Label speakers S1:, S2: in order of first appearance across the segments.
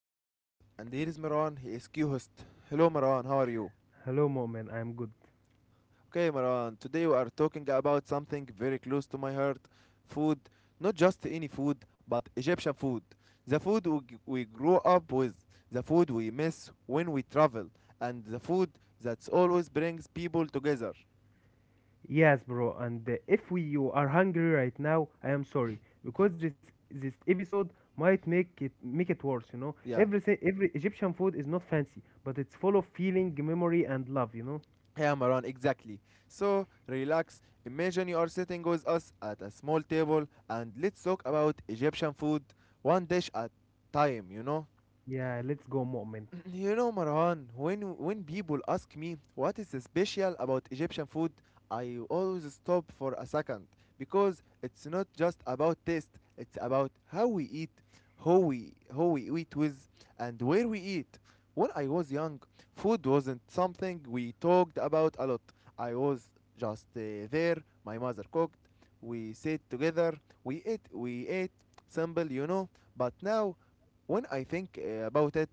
S1: I am host and here is Marwan. He is Q-host. Hello Marwan, how are you?
S2: Hello, moment. I'm good.
S1: Okay Marwan, today we are talking about something very close to my heart. Food, not just any food, but Egyptian food. The food we grow up with, the food we miss when we travel, and the food that always brings people together.
S2: Yes, bro. And if we, you are hungry right now, I am sorry because this episode might make it worse. You know,
S1: Yeah.
S2: every Egyptian food is not fancy, but it's full of feeling, memory, and love. You know.
S1: Yeah, Maran, exactly. So relax. Imagine you are sitting with us at a small table and let's talk about Egyptian food one dish at time, you know?
S2: Yeah, let's go, moment.
S1: You know, Marwan, when people ask me what is special about Egyptian food, I always stop for a second because it's not just about taste; it's about how we eat, how we eat with, and where we eat. When I was young, food wasn't something we talked about a lot. I was just there. My mother cooked. We sat together. We ate. Simple, you know. But now when I think about it,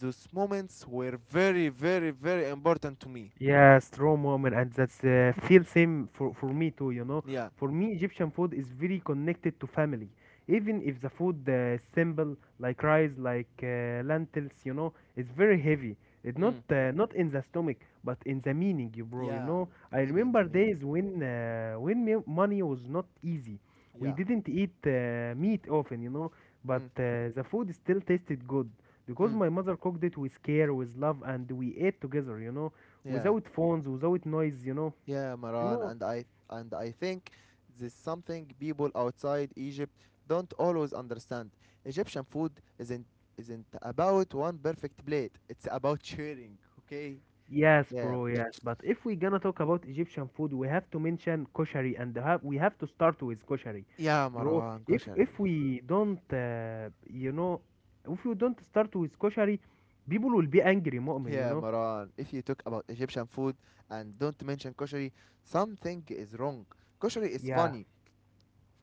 S1: those moments were very, very, very important to me.
S2: Yes, raw moment, and that's feel same for me too. You know,
S1: Yeah.
S2: for me, Egyptian food is very connected to family. Even if the food simple like rice, like lentils, you know, it's very heavy. It's not
S1: Mm.
S2: uh, not in the stomach, but in the meaning, you bro. You
S1: Yeah.
S2: know, I
S1: Heavy in
S2: remember
S1: the meaning.
S2: days when money was not easy. We
S1: Yeah.
S2: didn't eat meat often, you know, but
S1: Mm.
S2: the food still tasted good because
S1: Mm.
S2: my mother cooked it with care, with love, and we ate together. You know,
S1: Yeah.
S2: without phones, without noise, you know.
S1: Yeah,
S2: You
S1: Maran,
S2: know,
S1: and I think this is something people outside Egypt don't always understand. Egyptian food isn't about one perfect plate. It's about sharing, okay?
S2: yes,
S1: Yeah.
S2: bro, yes. But if we gonna talk about Egyptian food, we have to mention koshari, and we have to start with koshari,
S1: Yeah,
S2: bro.
S1: Marwan. Kosher.
S2: If we don't, you know, if we don't start with koshari, people will be angry, mu'min, you
S1: Yeah,
S2: know.
S1: Maran, if you talk about Egyptian food and don't mention koshari, something is wrong. Koshari is
S2: Yeah.
S1: funny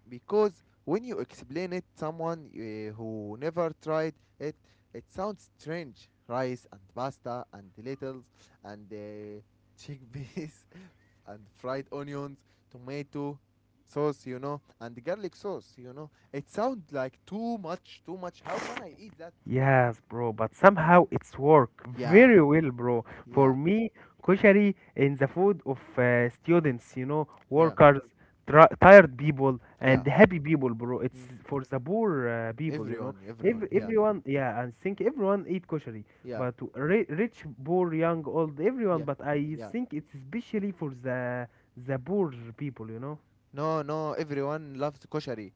S1: because when you explain it someone who never tried it, it sounds strange. Rice and pasta and lentils and chickpeas and fried onions, tomato sauce, you know, and garlic sauce, you know. It sounds like too much. How can I eat that?
S2: Yes, bro, but somehow it's work
S1: Yeah,
S2: very well, bro.
S1: yeah,
S2: For me, koshari in the food of students, you know,
S1: yeah,
S2: workers, tra tired people,
S1: yeah.
S2: and happy people, bro. It's
S1: Mm.
S2: for the poor people, you know.
S1: Everyone,
S2: Every,
S1: everyone. Yeah,
S2: everyone, yeah, I think everyone eat koshari,
S1: yeah,
S2: but ri rich, poor, young, old, everyone.
S1: yeah,
S2: But I
S1: yeah.
S2: think it's especially for the poor people, you know.
S1: No, no, everyone loves koshari.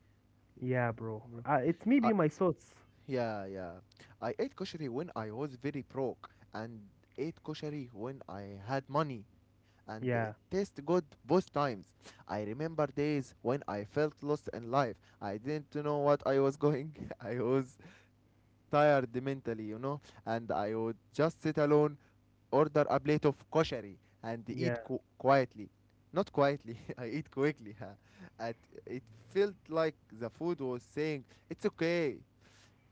S2: Yeah, bro.
S1: Bro.
S2: It's
S1: Uh,
S2: maybe my thoughts.
S1: yeah, yeah. I ate koshari when I was very broke, and ate koshari when I had money, and it
S2: Yeah,
S1: tastes good both times. I remember days when I felt lost in life. I didn't know what I was going. I was tired mentally, you know, and I would just sit alone order a plate of koshari and eat
S2: yeah.
S1: quietly. Not quietly, I eat quickly. And it felt like the food was saying, "It's okay,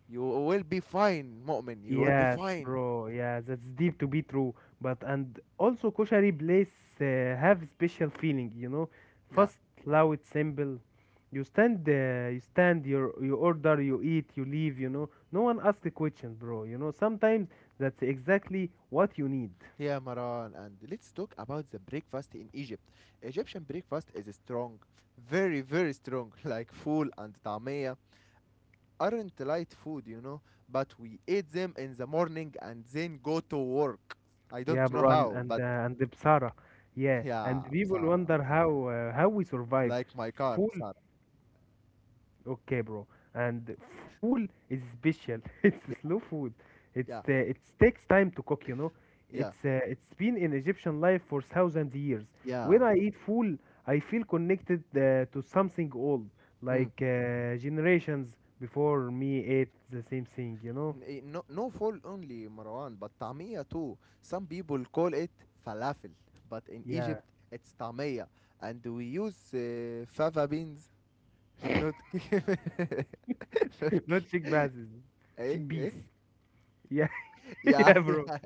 S1: you will be fine, Mu'min, you will be
S2: Yes,
S1: fine."
S2: bro. Yeah, that's deep to be true. But and also kosher place uh, have special feeling, you know.
S1: Yeah.
S2: Fast, loud, simple. You stand, you order, you eat, you leave. You know, no one asks questions, bro. You know, sometimes that's exactly what you need.
S1: Yeah, Maran, and let's talk about the breakfast in Egypt. Egyptian breakfast is strong, very, very strong, like full and tamia. Aren't light food, you know, but we eat them in the morning and then go to work. I
S2: Yeah,
S1: don't know
S2: bro, and
S1: how,
S2: and, uh,
S1: but
S2: and the Bsara. Yeah, and
S1: yeah,
S2: people
S1: Sara.
S2: wonder how uh, how we survive.
S1: Like my car,
S2: Full.
S1: Sara.
S2: Okay, bro. And fool is special. It's
S1: Yeah,
S2: slow food. It's
S1: yeah,
S2: it takes time to cook. You know,
S1: yeah,
S2: it's been in Egyptian life for thousand years.
S1: yeah.
S2: When I eat fool, I feel connected to something old,
S1: Mm.
S2: like generations before me ate the same thing. You know?
S1: No, no fall only, Marwan, but tamia too. Some people call it falafel, but in
S2: Yeah.
S1: Egypt it's tamia, and we use fava beans, not ki- not
S2: Not
S1: ki-
S2: chickpeas,
S1: eh,
S2: chickpeas.
S1: eh.
S2: Yeah,
S1: Yeah,
S2: yeah, bro.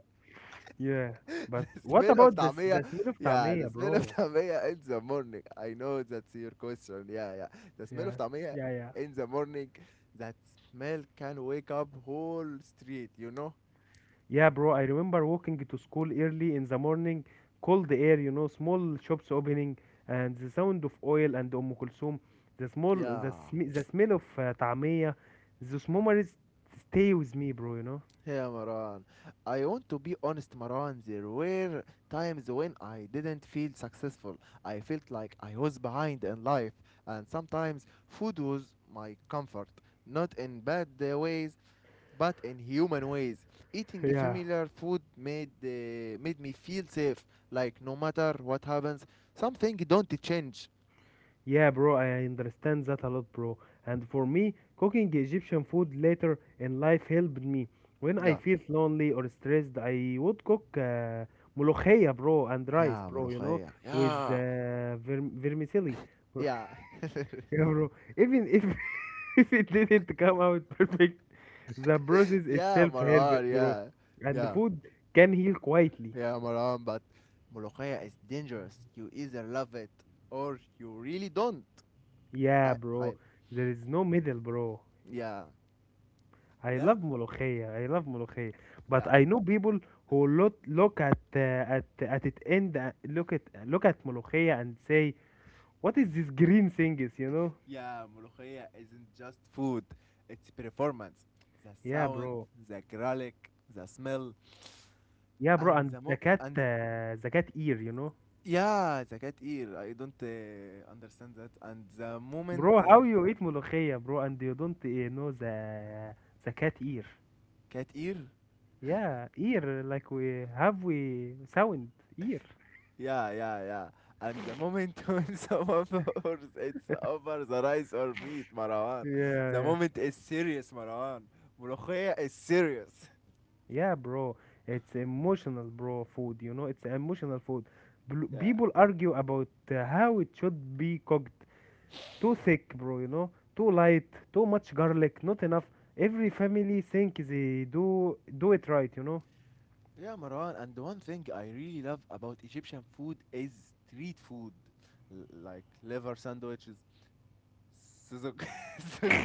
S2: Yeah. But
S1: the
S2: what
S1: smell of
S2: about the s-
S1: tamia,
S2: the smell of
S1: yeah, the
S2: tamia,
S1: smell of
S2: bro?
S1: tamia in the morning, I know that's your question. Yeah, yeah, the smell of
S2: Yeah,
S1: tamia
S2: yeah, yeah.
S1: in the morning, that smell can wake up whole street, you know.
S2: Yeah, bro, I remember walking to school early in the morning, cold air, you know, small shops opening, and the sound of oil and Kulsum, the small,
S1: Yeah,
S2: the, sm- the smell of طعمية, those memories stay with me, bro, you know.
S1: yeah, Maran, I want to be honest, Maran, there were times when I didn't feel successful. I felt like I was behind in life, and sometimes food was my comfort, not in bad ways, but in human ways. Eating
S2: Yeah.
S1: familiar food made me feel safe. Like no matter what happens, something don't change.
S2: Yeah, bro, I understand that a lot, bro. And for me, cooking Egyptian food later in life helped me. When I
S1: Yeah.
S2: feel lonely or stressed, I would cook ملوخية, bro, and rice,
S1: Yeah,
S2: bro, you know,
S1: ملوخية.
S2: with
S1: Yeah.
S2: vermicelli.
S1: Yeah.
S2: Yeah, bro. Even if if it didn't come out perfect, the process
S1: Yeah,
S2: itself helped,
S1: Marwan.
S2: bro.
S1: Yeah.
S2: And the
S1: Yeah.
S2: food can heal quietly.
S1: Yeah, Marwan. But ملوخية is dangerous. You either love it or you really don't.
S2: Yeah,
S1: I.
S2: bro.
S1: I.
S2: There is no middle, bro.
S1: Yeah.
S2: I
S1: Yeah.
S2: love molokhia. I love molokhia. But
S1: Yeah.
S2: I know people who look look at it end look at molokhia and say, "What is this green thing?" Is you know?
S1: Yeah, ملوخية isn't just food, it's performance. The
S2: Yeah,
S1: sound,
S2: bro.
S1: the garlic, the smell,
S2: Yeah, bro.
S1: and
S2: And the cat ear, you know?
S1: yeah, the cat ear. I don't understand that. And the moment
S2: Bro, how you eat molokhia, bro, and you don't eh, know the cat ear?
S1: cat ear.
S2: Yeah, ear like we have we sound ear.
S1: Yeah, yeah, yeah. And the moment when someone pours it's over the rice or meat, Marwan.
S2: Yeah,
S1: The
S2: yeah,
S1: moment is serious, Marwan. ملوخية is serious.
S2: yeah, bro. It's emotional, bro. Food, you know, it's emotional food.
S1: Yeah.
S2: People argue about how it should be cooked. Too thick, bro. You know, too light, too much garlic, not enough. Every family think they do it right, you know.
S1: Yeah, Maran, and one thing I really love about Egyptian food is street food, like liver sandwiches, suzuk, suzuk,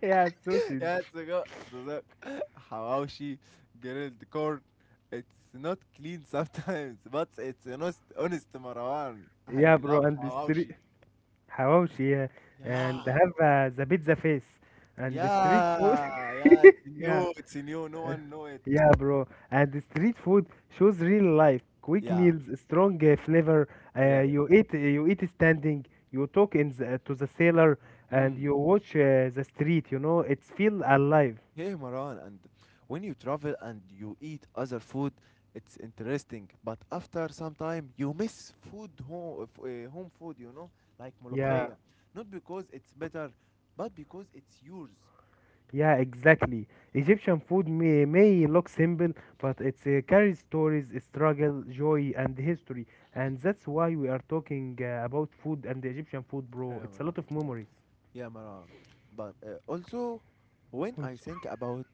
S2: Yeah, sausage.
S1: yeah, suzuk, hawashi, grilled corn. It's not clean sometimes, but it's honest, honest, Marwan. I
S2: Yeah, bro,
S1: love
S2: and the street
S1: hawashi.
S2: Hawashi, yeah.
S1: Yeah,
S2: And they have the pizza face and the street food.
S1: yeah, yeah. It's
S2: Yeah,
S1: new, it's new. No one know it.
S2: yeah, bro. And the street food shows real life. Quick
S1: Yeah,
S2: meals, strong flavor.
S1: yeah, yeah.
S2: You eat standing. You talk to the sailor, and
S1: Mm.
S2: you watch the street. You know, it's feel alive.
S1: Hey Maran, and when you travel and you eat other food, it's interesting. But after some time, you miss food home, home food, you know, like
S2: Yeah.
S1: molokhaya. Not because it's better, but because it's yours.
S2: Yeah, exactly. Egyptian food may look simple, but it carries stories, struggle, joy, and history. And that's why we are talking about food and Egyptian food,
S1: Yeah,
S2: bro. It's a
S1: Maran.
S2: lot of memories.
S1: Yeah, Maran. But also, when I
S2: Also,
S1: think about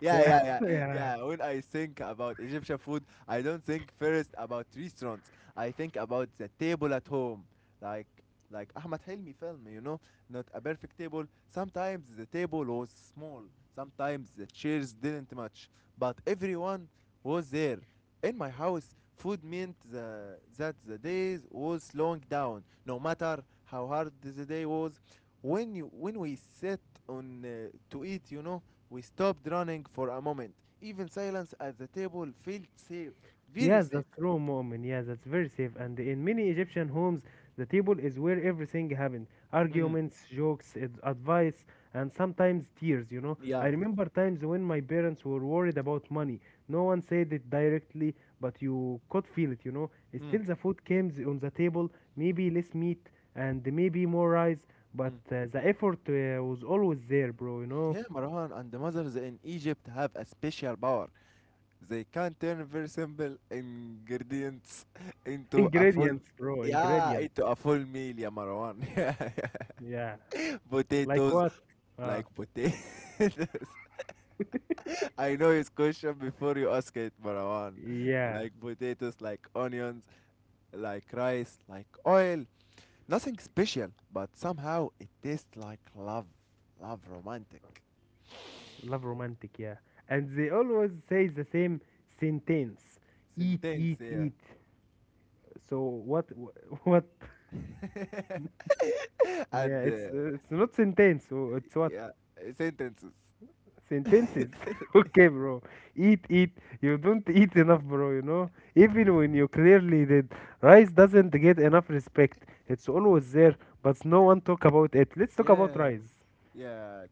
S1: yeah,
S2: yeah,
S1: yeah, yeah,
S2: yeah.
S1: yeah. When I think about Egyptian food, I don't think first about restaurants. I think about the table at home, like like Ahmed Hilmi film. You know, not a perfect table. Sometimes the table was small. Sometimes the chairs didn't match, but everyone was there. In my house, food meant the, that the day was slowing down, no matter how hard the day was. When you when we sat on to eat, you know, we stopped running for a moment. Even silence at the table felt safe, very
S2: Yes,
S1: safe.
S2: that's true, Mu'min. Yes, that's very safe. And in many Egyptian homes, the table is where everything happens.
S1: Mm.
S2: Arguments, jokes, advice, and sometimes tears, you know. I
S1: Yeah.
S2: remember times when my parents were worried about money. No one said it directly, but you could feel it, you know.
S1: Mm.
S2: Still, the food came on the table, maybe less meat and maybe more rice, but
S1: Mm.
S2: the effort was always there, bro, you know.
S1: Yeah, Marwan, and the mothers in Egypt have a special power. They can turn very simple ingredients into a full
S2: Ingredients, bro,
S1: yeah, into
S2: ingredients.
S1: a full meal, yeah, Marwan. Yeah, yeah.
S2: Yeah. Like
S1: Potatoes
S2: what? Uh,
S1: like potatoes. I know it's question before you ask it, Marwan.
S2: yeah.
S1: Like potatoes, like onions, like rice, like oil, nothing special, but somehow it tastes like love. Love romantic.
S2: Love romantic, yeah. And they always say the same sentence: eat,
S1: Sentence,
S2: eat,
S1: yeah.
S2: eat. So what? What? Yeah,
S1: And
S2: it's not sentence. It's what
S1: yeah, sentences.
S2: sentences. Okay, bro. Eat, eat. You don't eat enough, bro. You know. Even when you clearly did, rice doesn't get enough respect. It's always there, but no one talk about it. Let's talk about
S1: Yeah,
S2: rice.
S1: yeah,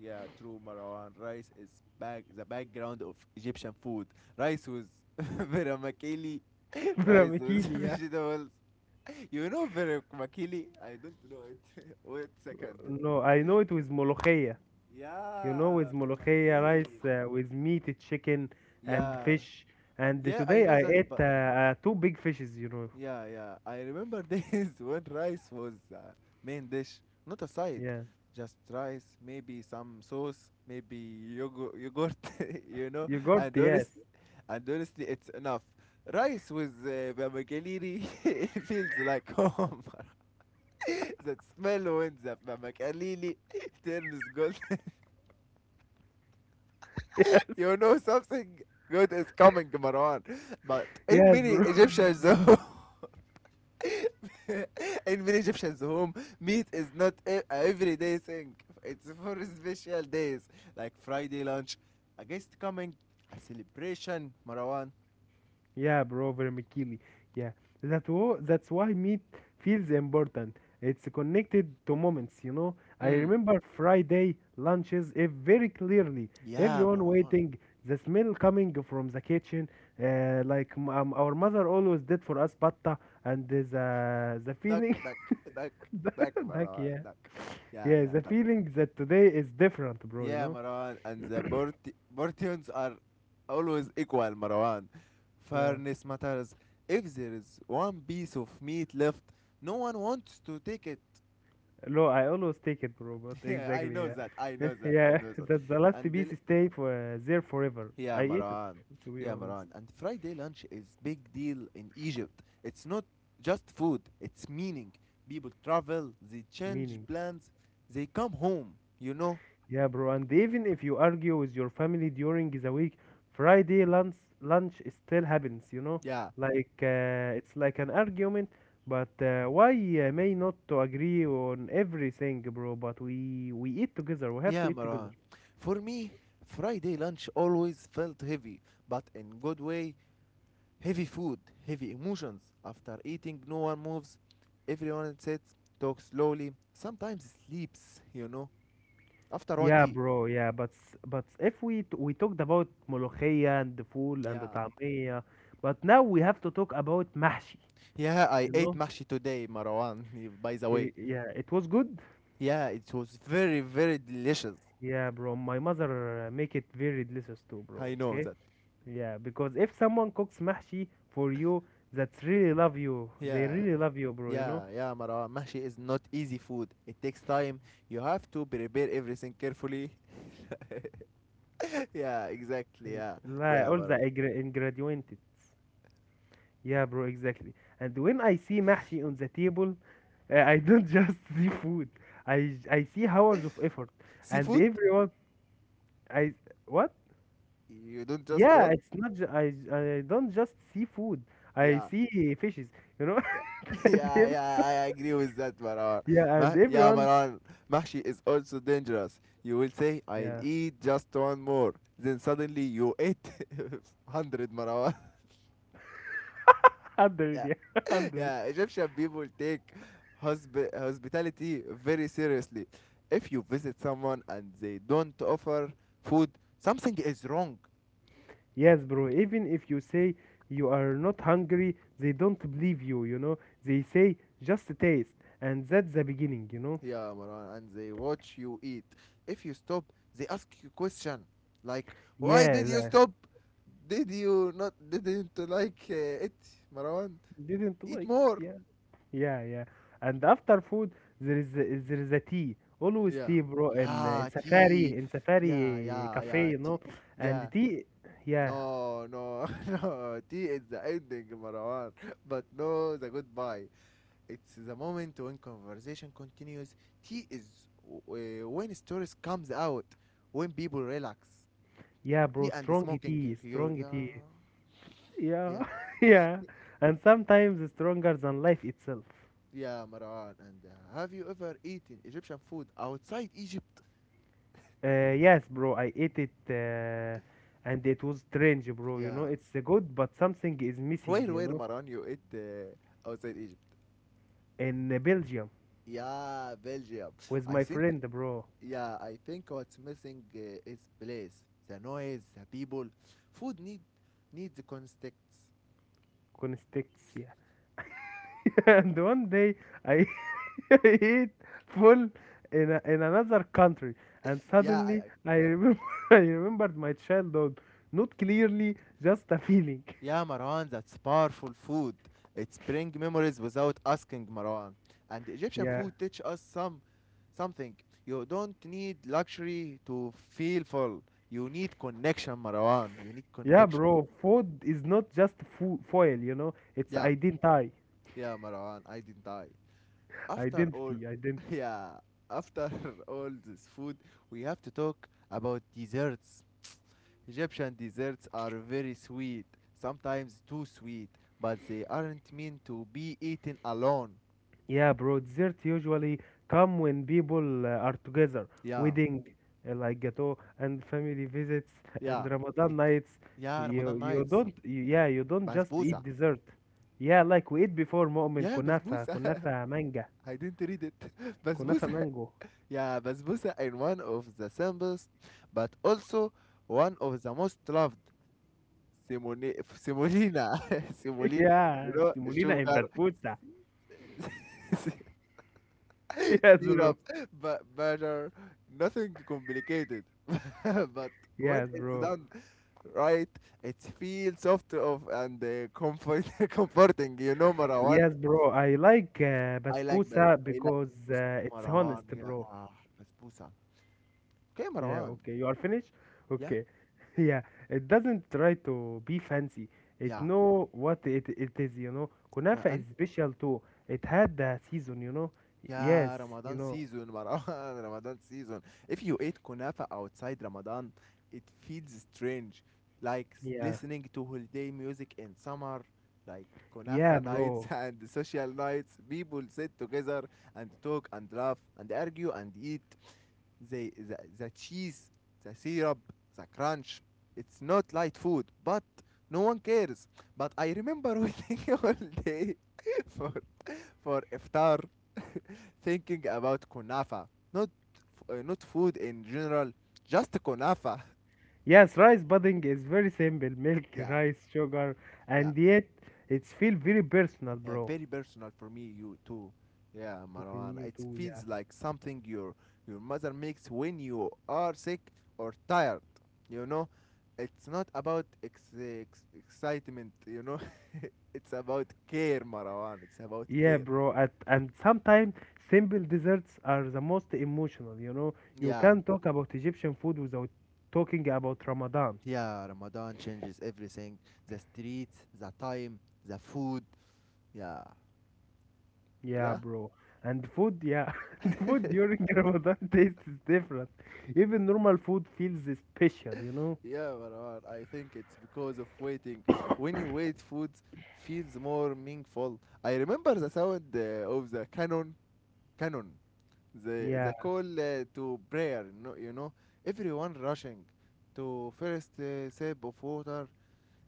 S1: yeah, true, Marwan. Rice is back the background of Egyptian food. Rice with vermicelli, rice with
S2: Framikili, yeah.
S1: vegetables. You know vermicelli? I don't know it. Wait a second.
S2: No, I know it with molokhia. You know, with
S1: Yeah,
S2: molokhia
S1: vermicelli.
S2: rice, with meat, chicken, and
S1: Yeah,
S2: fish. And
S1: yeah, I
S2: today
S1: know
S2: I
S1: that,
S2: ate
S1: but
S2: two big fishes, you know.
S1: yeah, yeah. I remember days when rice was main dish, not a side.
S2: Yeah.
S1: Just rice, maybe some sauce, maybe yogurt, you know.
S2: You got,
S1: And
S2: yes.
S1: honestly, and honestly, it's enough. Rice with vermicelli, it feels like home. That smell when the vermicelli turns gold,
S2: Yes.
S1: you know something good is coming, Marwan. But in
S2: Yes,
S1: many
S2: bro.
S1: Egyptians, though. In many Egyptians home, meat is not a everyday thing. It's for special days like Friday lunch, a guest coming, a celebration, Marwan.
S2: Yeah, bro, vermicelli. Yeah, that's why meat feels important. It's connected to moments, you know. I
S1: Mm.
S2: remember Friday lunches eh, very clearly.
S1: Yeah,
S2: Everyone
S1: Marwan.
S2: waiting, the smell coming from the kitchen. Our mother always did for us patta, and the
S1: Duck,
S2: feeling,
S1: duck, duck, duck,
S2: like
S1: Marwan,
S2: yeah,
S1: duck. Yeah,
S2: yeah,
S1: yeah,
S2: the
S1: duck.
S2: feeling that today is different, bro. You
S1: Yeah,
S2: know.
S1: Marwan. And the portions are always equal, Marwan.
S2: Yeah.
S1: Fairness matters. If there is one piece of meat left, no one wants to take it.
S2: No, I always take it, bro. But
S1: Yeah, I
S2: exactly,
S1: know
S2: yeah,
S1: that. I know that. I
S2: yeah.
S1: know that.
S2: That the last
S1: And
S2: piece
S1: the,
S2: stay for there forever.
S1: yeah,
S2: I ate it,
S1: Maran.
S2: to be
S1: Yeah,
S2: honest.
S1: Maran. And Friday lunch is big deal in Egypt. It's not just food, it's meaning. People travel, they change
S2: Meaning,
S1: plans, they come home, you know?
S2: yeah, bro. And even if you argue with your family during the week, Friday lunch still happens. You know,
S1: Yeah.
S2: like it's like an argument. But why may not to agree on everything, bro? But we eat together. We have to
S1: Yeah,
S2: eat together.
S1: Maran. For me, Friday lunch always felt heavy, but in good way, heavy food, heavy emotions. After eating, no one moves. Everyone sits, talks slowly, sometimes sleeps, you know? After one
S2: Yeah,
S1: tea.
S2: bro. Yeah, but s- but if we t- we talked about molokhia and the fool and
S1: Yeah.
S2: the tamia, but now we have to talk about mahshi.
S1: Yeah, I
S2: You
S1: ate
S2: know?
S1: mahshi today, Marwan, by the
S2: He,
S1: way.
S2: yeah, it was good.
S1: Yeah, it was very, very delicious.
S2: Yeah, bro. My mother make it very delicious too,
S1: I
S2: bro.
S1: know
S2: Okay.
S1: that.
S2: Yeah, because if someone cooks mahshi for you, that's really love you. They
S1: Yeah,
S2: really love you, bro. You know?
S1: yeah, yeah, Marwan. Mahshi is not easy food. It takes time. You have to prepare everything carefully. Yeah, exactly. Yeah,
S2: Like
S1: yeah,
S2: all the
S1: Marwan.
S2: ingredient. Yeah, bro. Exactly. And when I see mahshi on the table, uh, I don't just see food. I see hours of effort, and
S1: Seafood?
S2: everyone I what?
S1: You don't just
S2: Yeah,
S1: what?
S2: it's not. I don't just see food. I
S1: Yeah,
S2: see fishes, you know.
S1: yeah,
S2: And
S1: yeah, yeah, I agree with that, Maran.
S2: yeah, and
S1: Yeah,
S2: everyone
S1: Maran, Mahshi is also dangerous. You will say, I'll
S2: yeah
S1: eat just one more. Then suddenly you ate 100, Maran.
S2: hundred
S1: Yeah.
S2: yeah hundred.
S1: Yeah, Egyptian people take hospitality very seriously. If you visit someone and they don't offer food, something is wrong.
S2: Yes, bro. Even if you say you are not hungry, they don't believe you. You know, they say just taste, and that's the beginning. You know.
S1: Yeah, Marwan, and they watch you eat. If you stop, they ask you question like, "Why
S2: Yeah,
S1: did you
S2: like,
S1: stop? Did you not didn't like it, Marwan?
S2: didn't
S1: Eat
S2: like
S1: more."
S2: it. Yeah, yeah. And after food, there is a tea. Always
S1: Yeah,
S2: tea, bro. And
S1: yeah, tea.
S2: In
S1: Yeah,
S2: Safari
S1: yeah,
S2: cafe,
S1: yeah,
S2: you know.
S1: tea.
S2: And
S1: Yeah.
S2: tea, yeah,
S1: No, no, no. Tea is the ending, Marwan. But no, the goodbye. It's the moment when conversation continues. Tea is when stories comes out, when people relax.
S2: yeah, bro.
S1: Yeah, and
S2: Strong
S1: smoking.
S2: tea,
S1: You,
S2: strong
S1: yeah,
S2: tea. Yeah,
S1: yeah,
S2: yeah. And sometimes stronger than life itself.
S1: yeah, Marwan. And have you ever eaten Egyptian food outside Egypt?
S2: Yes, bro. I ate it, and it was strange, bro. You
S1: Yeah.
S2: know, it's good, but something is missing. You
S1: Where,
S2: know,
S1: Marwan, you eat outside Egypt?
S2: in Belgium
S1: Yeah, Belgium.
S2: with
S1: I
S2: my
S1: think,
S2: friend, bro.
S1: yeah, I think what's missing is place. The noise, the people. Food needs context.
S2: Constacts, yeah. And one day I eat full in another country and
S1: Yeah, I,
S2: suddenly
S1: I
S2: I
S1: yeah,
S2: remember I remembered my childhood, not clearly, just a feeling.
S1: yeah, Marwan, that's powerful food. It's bring memories without asking, Marwan. And Egyptian
S2: Yeah,
S1: food teach us something. You don't need luxury to feel full. You need connection, Marwan. You need
S2: yeah,
S1: connection.
S2: bro, food is not just foil, you know, it's
S1: Yeah,
S2: identity
S1: yeah, Marwan. I didn't die. After all,
S2: identity identity
S1: yeah, after all this food, we have to talk about desserts. Egyptian desserts are very sweet, sometimes too sweet, but they aren't meant to be eaten alone.
S2: Yeah, bro, dessert usually come when people are together.
S1: Yeah,
S2: Wedding, like gato, and family visits,
S1: yeah.
S2: and
S1: Ik-
S2: Ramadan nights.
S1: Yeah,
S2: You
S1: Ramadan
S2: you
S1: nights.
S2: don't you, yeah you don't just eat
S1: Basbousa.
S2: dessert. Yeah, like we eat before مؤمن
S1: Yeah,
S2: كنافة
S1: basbousa.
S2: كنافة مانجا
S1: I didn't read it.
S2: كنافة
S1: Basbousa.
S2: مانجو.
S1: Yeah, basbousa is one of the simplest, but also one of the most loved. Simone semolina, semolina,
S2: Yeah, semolina and
S1: sugar,
S2: basbousa. Yes, bro.
S1: syrup, butter, nothing complicated. But when
S2: Yes,
S1: it's
S2: bro.
S1: done right, it feels soft of and comfort comforting. Marwan.
S2: Yes, bro. I like
S1: I like, but
S2: basbousa
S1: I like
S2: because
S1: Basbousa too,
S2: it's
S1: Marwan.
S2: honest,
S1: Yeah,
S2: bro.
S1: ah, Basbousa. Okay,
S2: Yeah,
S1: Marwan.
S2: okay. You are finished?
S1: Yeah,
S2: Okay. Yeah, it doesn't try to be fancy. It
S1: yeah.
S2: know what it is, you know. Kunafa
S1: And
S2: is special too. It had the season, you know. Yes,
S1: Yeah,
S2: you
S1: Ramadan
S2: know.
S1: season, Marwan, Ramadan season. If you eat kunafa outside Ramadan, it feels strange. Like
S2: Yeah.
S1: listening to holiday music in summer, like
S2: Yeah,
S1: kunafa nights
S2: bro.
S1: and social nights. People sit together and talk and laugh and argue and eat. The cheese, the syrup, the crunch. It's not light food, but no one cares. But I remember waiting all day for, for iftar. Thinking about kunafa, not not food in general, just kunafa.
S2: Yes, rice pudding is very simple. Milk,
S1: Yeah,
S2: rice, sugar,
S1: yeah,
S2: and yet it's feel very personal,
S1: yeah.
S2: bro.
S1: Very personal for me, you too. Yeah,
S2: From
S1: Marwan.
S2: you
S1: It
S2: too, yeah.
S1: feels like something your mother makes when you are sick or tired. You know, it's not about excitement. You know, it's about care, Marwan. It's about
S2: Yeah,
S1: care.
S2: bro. At, and sometimes simple desserts are the most emotional, you know. You
S1: Yeah,
S2: can't talk about Egyptian food without talking about Ramadan.
S1: yeah, Ramadan changes everything. The streets, the time, the food. Yeah,
S2: Yeah,
S1: yeah.
S2: bro. And food, yeah, the food during Ramadan tastes different. Even normal food feels special, you know.
S1: Yeah, Marwan, I think it's because of waiting. When you wait, food feels more meaningful. I remember the sound of the cannon, the
S2: Yeah,
S1: the call to prayer. No, you know, everyone rushing to first sip of water.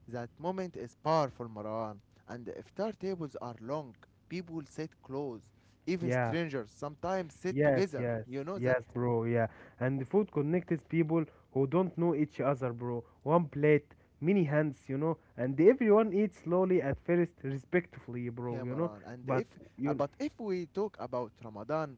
S1: That moment is powerful, Marwan. And the iftar tables are long. People sit close. Even
S2: yeah.
S1: strangers sometimes sit
S2: Yes,
S1: together.
S2: yes,
S1: You know that.
S2: yes, bro. Yeah, and the food connects people who don't know each other, bro. One plate, many hands, you know, and everyone eats slowly at first, respectfully, bro.
S1: Yeah,
S2: You know,
S1: Maran. And
S2: but
S1: if
S2: you,
S1: but if we talk about Ramadan,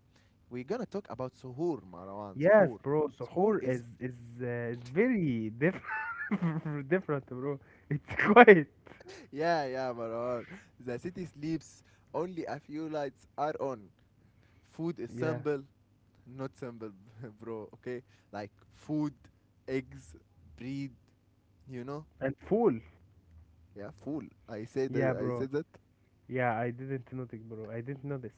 S1: we're gonna talk about suhoor, Maran.
S2: yes,
S1: Suhoor.
S2: bro.
S1: Suhoor
S2: Suhoor is
S1: is
S2: is uh, is very different, different, bro. It's quite,
S1: yeah, yeah, Maran. The city sleeps. Only a few lights are on. Food is
S2: yeah,
S1: not simple, bro. Okay, like food, eggs, bread, you know?
S2: and full,
S1: Yeah, fool. I said
S2: yeah,
S1: that. I
S2: bro.
S1: said that.
S2: Yeah, I didn't notice, bro. I didn't notice.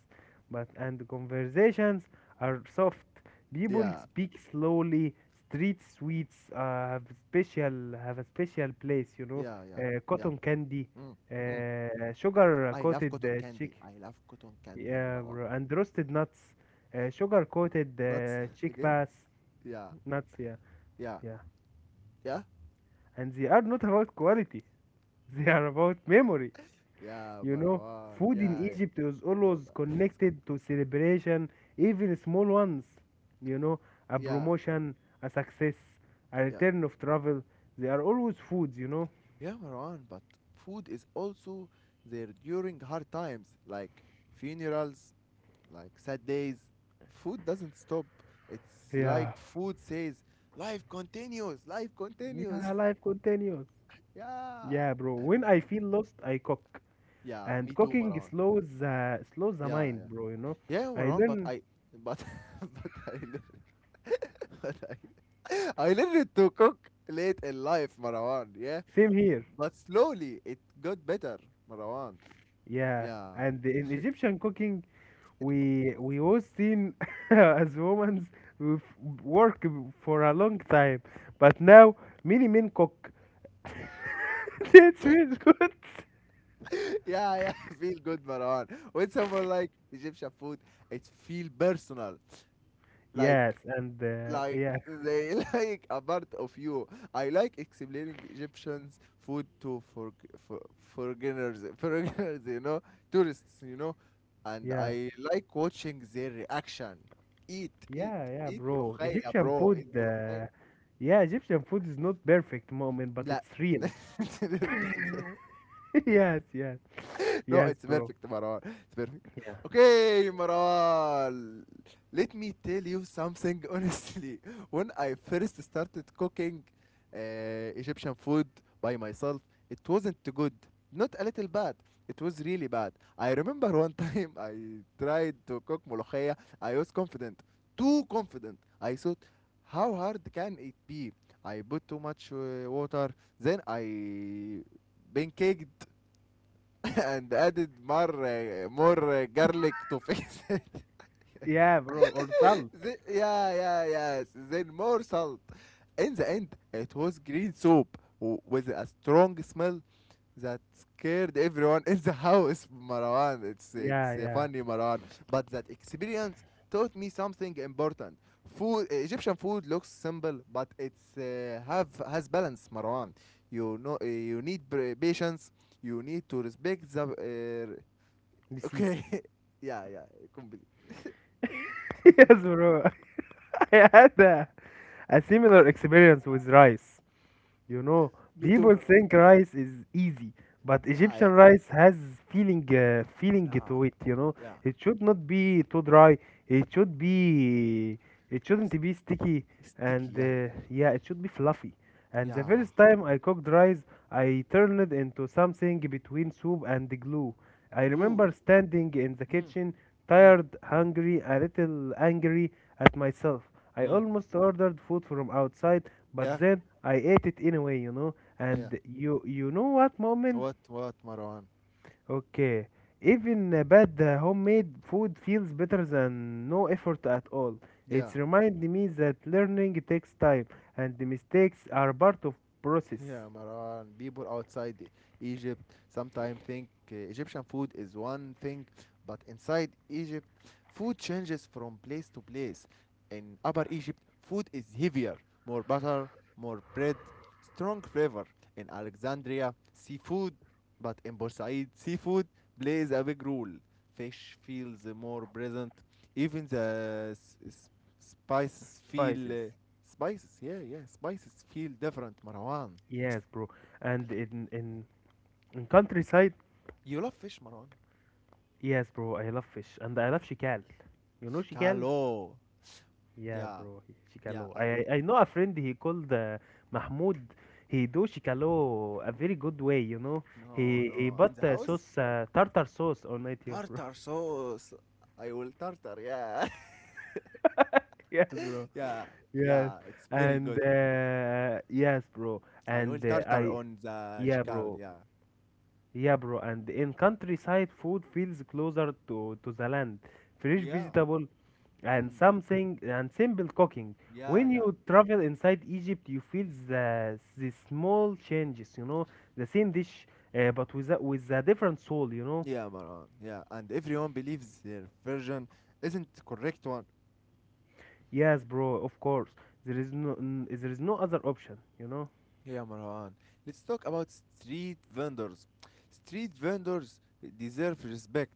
S2: But and conversations are soft. People
S1: Yeah,
S2: speak slowly. Street sweets have special have a special place, you know.
S1: yeah, yeah, yeah.
S2: Cotton candy,
S1: Mm, mm.
S2: sugar
S1: I love
S2: coated
S1: cotton
S2: chick,
S1: candy. I love cotton candy,
S2: yeah,
S1: Marwan.
S2: bro, and roasted nuts, sugar coated
S1: Nuts
S2: chick
S1: again.
S2: bass
S1: Yeah.
S2: nuts, yeah,
S1: Yeah.
S2: yeah.
S1: Yeah?
S2: And they are not about quality. They are about memory.
S1: Yeah,
S2: You know,
S1: Marwan.
S2: food in
S1: Yeah, yeah.
S2: Egypt is
S1: No,
S2: always
S1: but
S2: connected to celebration, even small ones. You know, a
S1: yeah,
S2: promotion, a success, a
S1: yeah.
S2: return of travel. They are always foods, you know.
S1: Yeah, Marwan, but food is also there during hard times, like funerals, like sad days. Food doesn't stop. It's
S2: Yeah.
S1: like food says, life continues, life
S2: Yeah,
S1: continues.
S2: life continues.
S1: Yeah.
S2: Yeah, bro. When I feel lost, I cook,
S1: Yeah,
S2: and
S1: me too,
S2: cooking
S1: Marwan.
S2: slows the
S1: Yeah,
S2: mind,
S1: yeah.
S2: bro. You know,
S1: Yeah,
S2: I
S1: Marwan, but
S2: learn
S1: I but but I learned but I learned to cook late in life, Marwan. Yeah,
S2: same here.
S1: but slowly it got better, Marwan.
S2: Yeah,
S1: Yeah.
S2: and in Egyptian cooking,
S1: Feel bad.
S2: we was seen as women with work for a long time, but now many men cook. That's feels good.
S1: Yeah, yeah, feel good, Marwan. When someone like Egyptian food, it feel personal.
S2: Yes,
S1: Like
S2: and
S1: like
S2: yeah,
S1: they like a part of you. I like explaining Egyptians food to for foreigners, foreigners, you know, tourists, you know, and
S2: yeah,
S1: I like watching their reaction. Eat, eat,
S2: yeah, yeah,
S1: eat,
S2: bro.
S1: ملوخية,
S2: Egyptian
S1: bro.
S2: food,
S1: Eat, ملوخية.
S2: yeah, Egyptian food is not perfect moment, but
S1: La...
S2: it's real.
S1: ne? Dur bir dakika.
S2: yes, yes,
S1: No,
S2: yes,
S1: it's
S2: bro.
S1: perfect, Marwan. It's perfect.
S2: Yeah,
S1: Okay, Marwan. Let me tell you something honestly. When I first started cooking uh, Egyptian food by myself, it wasn't good. Not a little bad. It was really bad. I remember one time I tried to cook molokhaya. I was confident, too confident. I thought, how hard can it be? I put too much water. Then I pancaked and added more garlic to fix it.
S2: yeah, bro. Or salt.
S1: Yeah, yeah, yes. Then more salt. In the end, it was green soup with a strong smell that scared everyone in the house. Marwan, it's
S2: Yeah,
S1: it's uh,
S2: yeah.
S1: funny, Marwan. But that experience taught me something important. Food, Egyptian food looks simple, but it's have has balance, Marwan. You know, you need patience. You need to respect the
S2: Receipt.
S1: Oké. Ja, ja. Kom, Billy.
S2: yes, bro. I had a similar experience with rice. You know,
S1: Mito,
S2: people
S1: maar.
S2: think rice is easy, but
S1: Ja,
S2: Egyptian
S1: ja.
S2: rice has feeling
S1: Ja.
S2: to it, you know.
S1: Ja.
S2: It should not be too dry. It should be it
S1: S-
S2: shouldn't be sticky
S1: Sticky,
S2: and
S1: ja.
S2: yeah, it should be fluffy. And the
S1: Ja.
S2: first time I cooked rice, I turned it into something between soup and glue. I
S1: Glue.
S2: remember standing in the
S1: Mm.
S2: kitchen,
S1: Mm.
S2: tired, hungry, a little angry at myself. I
S1: Mm.
S2: almost ordered food from outside but
S1: Ja.
S2: then I ate it anyway, you know.
S1: Ja.
S2: And you know what, Mu'min?
S1: Wat, wat, Marwan.
S2: Okay, even a bad homemade food feels better than no effort at all. It's
S1: Ja.
S2: remind me that learning takes time, and the mistakes are part of process.
S1: Yeah, Maran, people outside Egypt sometimes think Egyptian food is one thing, but inside Egypt, food changes from place to place. In Upper Egypt, food is heavier, more butter, more bread, strong flavor. In Alexandria, seafood, but in Borsaid, seafood plays a big role. Fish feels more present. Even the spices feel
S2: Spices,
S1: spices. Yeah, yeah, spices feel different, Marwan.
S2: yes, bro. And in countryside,
S1: You love fish, Marwan.
S2: yes, bro. I love fish, and I love shikal. You know shikal?
S1: Shikalo.
S2: Yeah,
S1: Yeah,
S2: bro. Shikalo.
S1: yeah.
S2: I
S1: And
S2: I I know a friend he called Mahmoud. He do Shikalo a very good way, you know.
S1: no,
S2: He
S1: no. In
S2: bought
S1: the house,
S2: sauce tartar sauce on it, yeah, bro.
S1: tartar sauce. I will tartar. Yeah,
S2: Yes, bro.
S1: yeah,
S2: Yes,
S1: yeah. It's very
S2: and
S1: good.
S2: yes, bro.
S1: I will
S2: And
S1: tartar
S2: I
S1: on the
S2: yeah,
S1: shikal.
S2: bro.
S1: Yeah,
S2: Yeah, bro. And in countryside, food feels closer to the land. Fresh
S1: yeah.
S2: vegetable and
S1: Mm.
S2: something and simple cooking.
S1: Yeah,
S2: When
S1: yeah.
S2: you travel inside Egypt, you feel the small changes, you know, the same dish, but with a different soul, you know.
S1: Yeah, Marwan. Yeah, and everyone believes their version isn't the correct one.
S2: Yes, bro, of course. There is there is no other option, you know.
S1: Yeah, Marwan. Let's talk about street vendors. Street vendors deserve respect.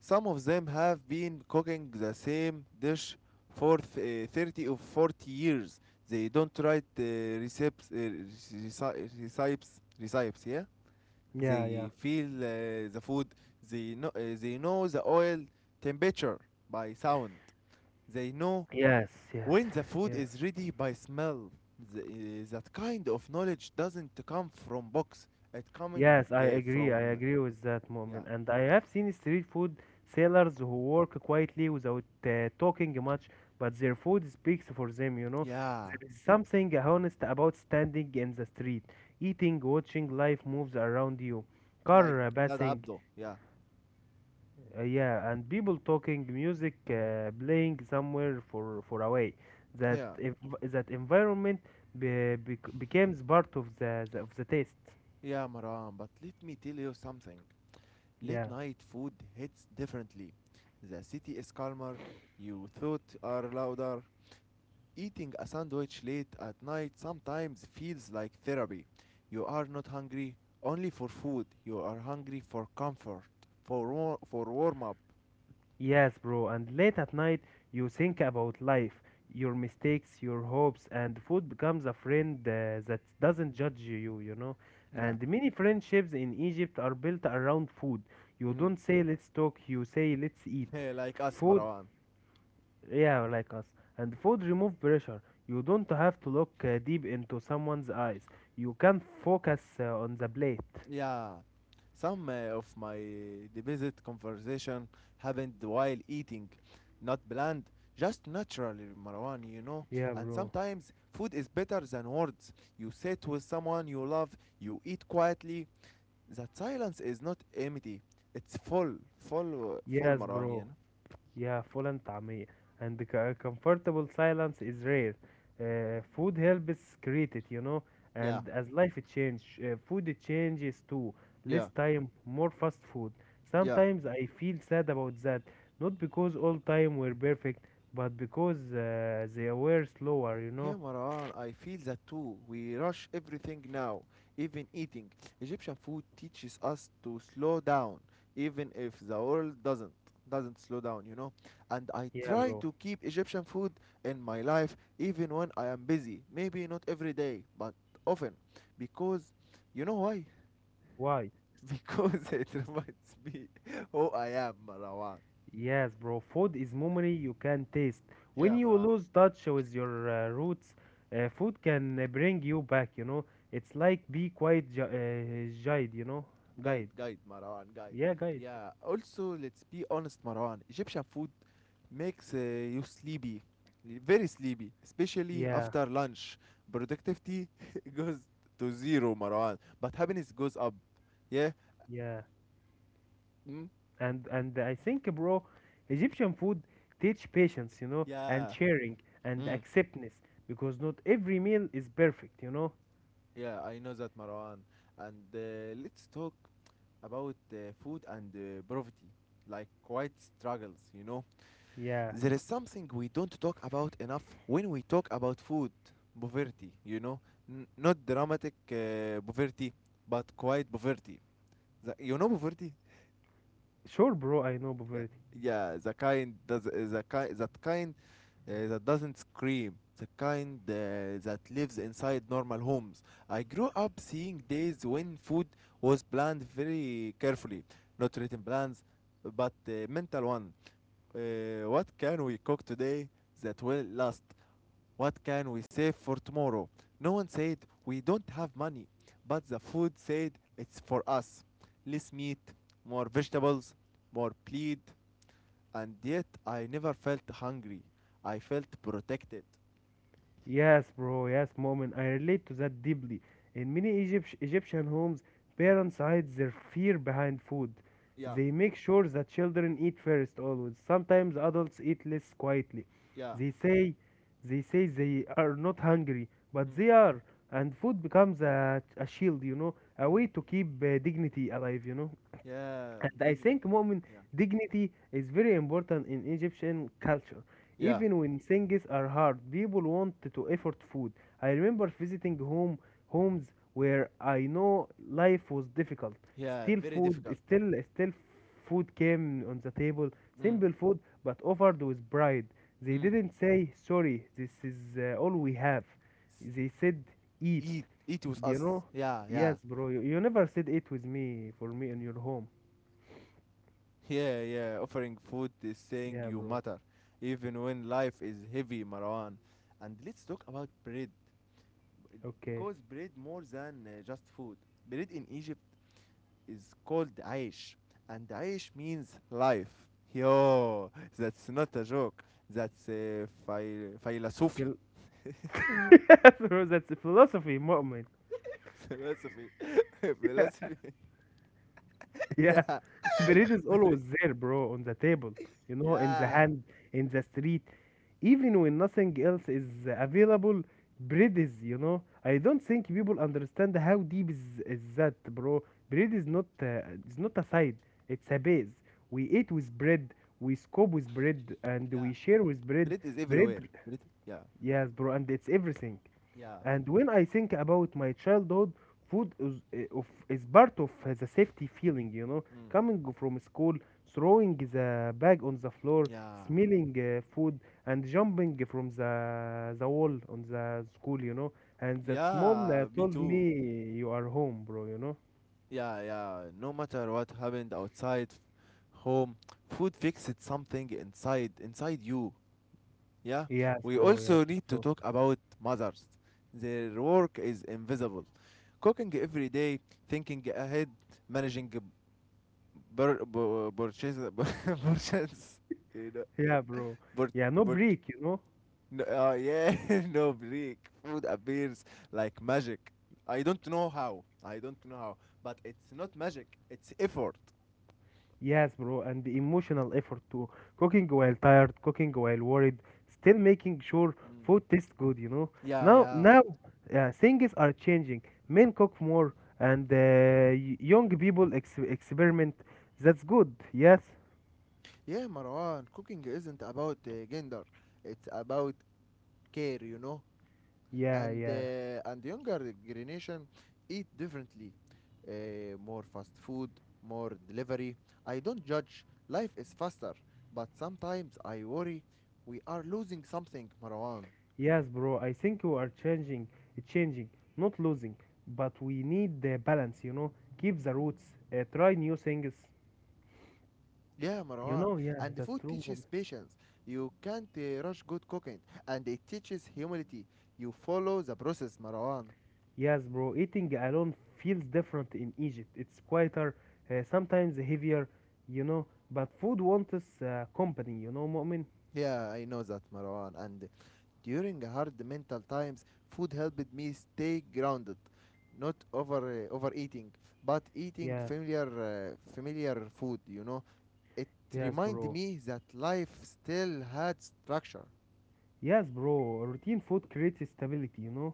S1: Some of them have been cooking the same dish for 30 or 40 years. They don't write recipes, uh, recipes, yeah?
S2: Yeah, yeah.
S1: They feel the food, they they know the oil temperature by sound. They know
S2: Yes, yes,
S1: when the food
S2: yes.
S1: is ready by smell. That kind of knowledge doesn't come from books. It coming
S2: Yes, I
S1: uh,
S2: agree. I
S1: from,
S2: agree with that,
S1: yeah,
S2: moment, And I have seen street food sellers who work quietly without talking much, but their food speaks for them, you know.
S1: yeah,
S2: There is something honest about standing in the street, eating, watching life moves around you,
S1: like
S2: car
S1: that
S2: passing,
S1: Abdo, yeah,
S2: yeah, and people talking, music playing somewhere for away. That
S1: yeah.
S2: ev- that environment be, bec becomes part of the taste.
S1: Yeah, Maran, but let me tell you something. Late
S2: Yeah.
S1: night food hits differently. The city is calmer, your thoughts are louder. Eating a sandwich late at night sometimes feels like therapy. You are not hungry only for food, you are hungry for comfort, for warm up.
S2: Yes, bro, and late at night you think about life, your mistakes, your hopes, and food becomes a friend that doesn't judge you, you know.
S1: Yeah,
S2: And many friendships in Egypt are built around food. You don't say let's talk, you say let's eat.
S1: mm. Like us,
S2: Food,
S1: Marwan.
S2: yeah, like us. And food remove pressure. You don't have to look deep into someone's eyes. You can focus on the plate.
S1: Yeah, some of my deposit conversation happened while eating, not planned, just naturally, Marwan, you know.
S2: Yeah,
S1: And
S2: bro.
S1: sometimes food is better than words. You sit with someone you love, you eat quietly. That silence is not empty, it's full,
S2: Yes,
S1: Marwan, you
S2: bro.
S1: know.
S2: Yeah, full and طعمية and the comfortable silence is rare. Food helps create it, you know.
S1: Yeah,
S2: And as life it change, food it changes too.
S1: yeah,
S2: Less time, more fast food.
S1: yeah.
S2: Sometimes I feel sad about that, not because all time were perfect, but because they were slower, you know.
S1: Yeah, Maran, I feel that too. We rush everything now, even eating. Egyptian food teaches us to slow down, even if the world doesn't slow down, you know. And I
S2: Yeah,
S1: try
S2: bro.
S1: to keep Egyptian food in my life even when I am busy. Maybe not every day, but often. Because you know why?
S2: Why?
S1: Because it reminds me who I am, Marwan.
S2: Yes, bro. Food is memory you can taste. When
S1: Yeah,
S2: you
S1: Maran.
S2: lose touch with your roots, food can bring you back, you know. It's like be quite guide, you know.
S1: Guide,
S2: Guide.
S1: guide, Marwan, guide.
S2: Yeah, guide.
S1: Yeah, also, let's be honest, Marwan. Egyptian food makes you sleepy, very sleepy, especially
S2: Yeah,
S1: after lunch. Productivity goes to zero, Marwan, but happiness goes up. Yeah?
S2: yeah.
S1: Mm?
S2: And I think, bro, Egyptian food teach patience, you know, and
S1: Yeah.
S2: sharing and
S1: Mm.
S2: acceptance because not every meal is perfect, you know.
S1: Yeah, I know that, Marwan. And let's talk about food and poverty, like quite struggles, you know.
S2: Yeah.
S1: There is something we don't talk about enough when we talk about food poverty, you know. Not dramatic poverty, but quiet poverty, the, you know, poverty.
S2: Sure, bro. I know,
S1: Yeah,
S2: Bavarit.
S1: yeah, the kind that doesn't scream, the kind that lives inside normal homes. I grew up seeing days when food was planned very carefully, not written plans, but mental one. What can we cook today that will last? What can we save for tomorrow? No one said we don't have money, but the food said it's for us. Less meat, more vegetables, more plead, and yet I never felt hungry. I felt protected.
S2: Yes, bro. Yes, moment. I relate to that deeply. In many Egyptian homes,
S1: Mm,
S2: parents hide their fear behind food.
S1: yeah,
S2: They make sure that children eat first always. Sometimes adults eat less quietly.
S1: yeah,
S2: They say they say they are not hungry, but
S1: mm,
S2: they are, and food becomes a shield, you know, a
S1: mm,
S2: way to keep dignity alive, you know.
S1: yeah,
S2: And I think,
S1: dignity.
S2: Mu'min,
S1: Yeah,
S2: dignity is very important in Egyptian culture.
S1: yeah,
S2: Even when things are hard, people want to effort food. I remember visiting homes where I know life was difficult.
S1: yeah,
S2: Still
S1: very
S2: food,
S1: difficult.
S2: still still food came on the table,
S1: Mm,
S2: simple food but offered with pride. They
S1: mm.
S2: didn't say sorry, this is all we have.
S1: S-
S2: They said eat.
S1: Eat, eat with
S2: You
S1: us.
S2: know?
S1: Yeah, yeah,
S2: Yes, bro. You never said eat with me for me in your home.
S1: yeah, yeah, offering food is saying
S2: Yeah,
S1: you
S2: bro.
S1: matter, even when life is heavy, Marwan. And let's talk about bread, b-
S2: Okay.
S1: because bread more than just food. Bread in Egypt is called aish, and aish means life. Yo, that's not a joke. That's philosophy.
S2: Phil- bro, that's the philosophy, mu'min.
S1: Philosophy.
S2: Yeah,
S1: Philosophy.
S2: yeah.
S1: Yeah.
S2: Bread is always there, bro, on the table. You know, in the
S1: Yeah.
S2: hand, in the street. Even when nothing else is available, bread is, you know. I don't think people understand how deep is that, bro. Bread is not it's not a side, it's a base. We eat with bread, we scope with bread, and
S1: Yeah.
S2: we share with bread.
S1: Bread is
S2: Bread,
S1: everywhere. Bread. Yeah.
S2: yes, bro, and it's everything.
S1: Yeah.
S2: And when I think about my childhood, food is part of the safety feeling, you know.
S1: Mm.
S2: Coming from school, throwing the bag on the floor,
S1: Yeah.
S2: smelling food, and jumping from the wall on the school, you know. And that small
S1: Yeah, me
S2: told
S1: too.
S2: me, You are home, bro, you know.
S1: Yeah, yeah. No matter what happened outside home, food fixed something inside you. Yeah.
S2: Yes,
S1: We
S2: bro, yeah,
S1: also
S2: that's
S1: need to
S2: true.
S1: talk about mothers. Their work is invisible. Cooking every day, thinking ahead, managing purchase purchase, you
S2: Yeah, bro.
S1: know,
S2: Yeah, no
S1: pur-
S2: break, you know.
S1: no, yeah, no break. Food appears like magic. I don't know how. I don't know how. But it's not magic. It's effort.
S2: Yes, bro, and the emotional effort too. Cooking while tired, cooking while worried, still making sure
S1: Mm.
S2: food tastes good, you know.
S1: Yeah,
S2: Now,
S1: yeah.
S2: now uh, things are changing. Men cook more, and young people ex experiment. That's good. Yes,
S1: Yeah, Marwan, cooking isn't about gender. It's about care, you know.
S2: yeah,
S1: And
S2: yeah,
S1: younger generation eat differently. More fast food, more delivery. I don't judge. Life is faster, but sometimes I worry we are losing something, Marwan.
S2: yes, bro. I think we are changing, changing, not losing, but we need the balance, you know. Keep the roots. Try new things,
S1: Yeah,
S2: you
S1: Marwan.
S2: know. Yeah,
S1: And the
S2: that's
S1: food
S2: true.
S1: teaches patience. You can't rush good cooking. And it teaches humility. You follow the process, Marwan.
S2: Yes, bro, eating alone feels different in Egypt. It's quieter, sometimes heavier, you know, but food wants company, you know, Mu'min?
S1: Yeah, I know that, Marwan. And during hard mental times, food helped me stay grounded. Not overeating, but eating
S2: Yeah,
S1: familiar food, you know. It
S2: yes,
S1: reminded
S2: bro.
S1: me that life still had structure.
S2: Yes, bro, routine food creates stability, you know?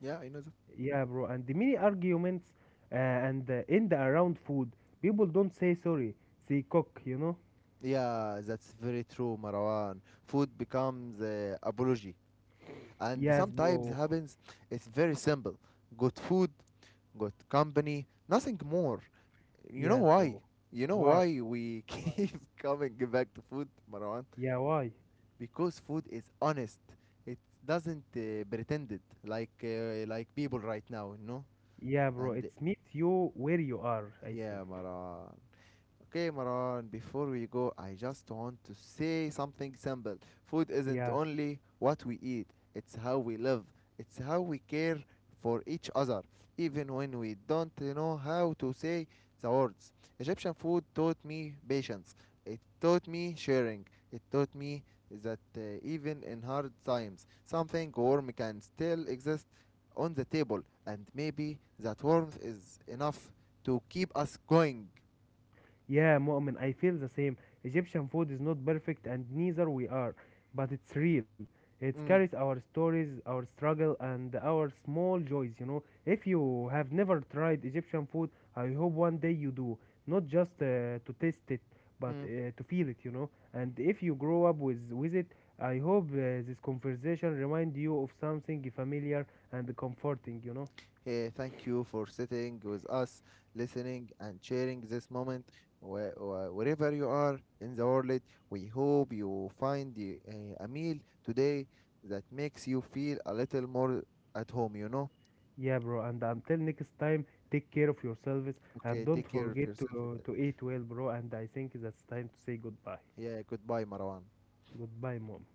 S1: Yeah, I know that.
S2: Yeah, bro, and the many arguments and end around food. People don't say sorry, they cook, you know?
S1: Yeah, that's very true, Marwan. Food becomes apology, and
S2: Yes,
S1: sometimes
S2: bro.
S1: happens it's very simple, good food, good company, nothing more. You know
S2: Yes,
S1: why?
S2: bro.
S1: You know
S2: Why?
S1: why we
S2: Why?
S1: keep coming back to food, Marwan?
S2: Yeah, why?
S1: Because food is honest, it doesn't pretend, it like people right now, you know.
S2: Yeah, bro,
S1: And
S2: it's meet you where you are, I think.
S1: yeah, Marwan. Okay, Maran, before we go, I just want to say something simple. Food isn't
S2: Yeah.
S1: only what we eat, it's how we live, it's how we care for each other, even when we don't know how to say the words. Egyptian food taught me patience, it taught me sharing, it taught me that even in hard times, something warm can still exist on the table, and maybe that warmth is enough to keep us going.
S2: Yeah, Mu'min, I feel the same. Egyptian food is not perfect and neither we are, but it's real. It carries
S1: Mm.
S2: our stories, our struggle, and our small joys, you know. If you have never tried Egyptian food, I hope one day you do. Not just to taste it, but
S1: Mm.
S2: to feel it, you know. And if you grow up with it, I hope this conversation remind you of something familiar and comforting, you know.
S1: Eh, thank you for sitting with us, listening, and sharing this moment. Where, wherever you are in the world, we hope you find a meal today that makes you feel a little more at home, you know?
S2: Yeah, bro. And until next time, take care of yourselves and
S1: Okay,
S2: don't
S1: take care of
S2: forget
S1: yourself.
S2: to eat well, bro. And I think that's time to say goodbye.
S1: Yeah, goodbye, Marwan.
S2: Goodbye, mom.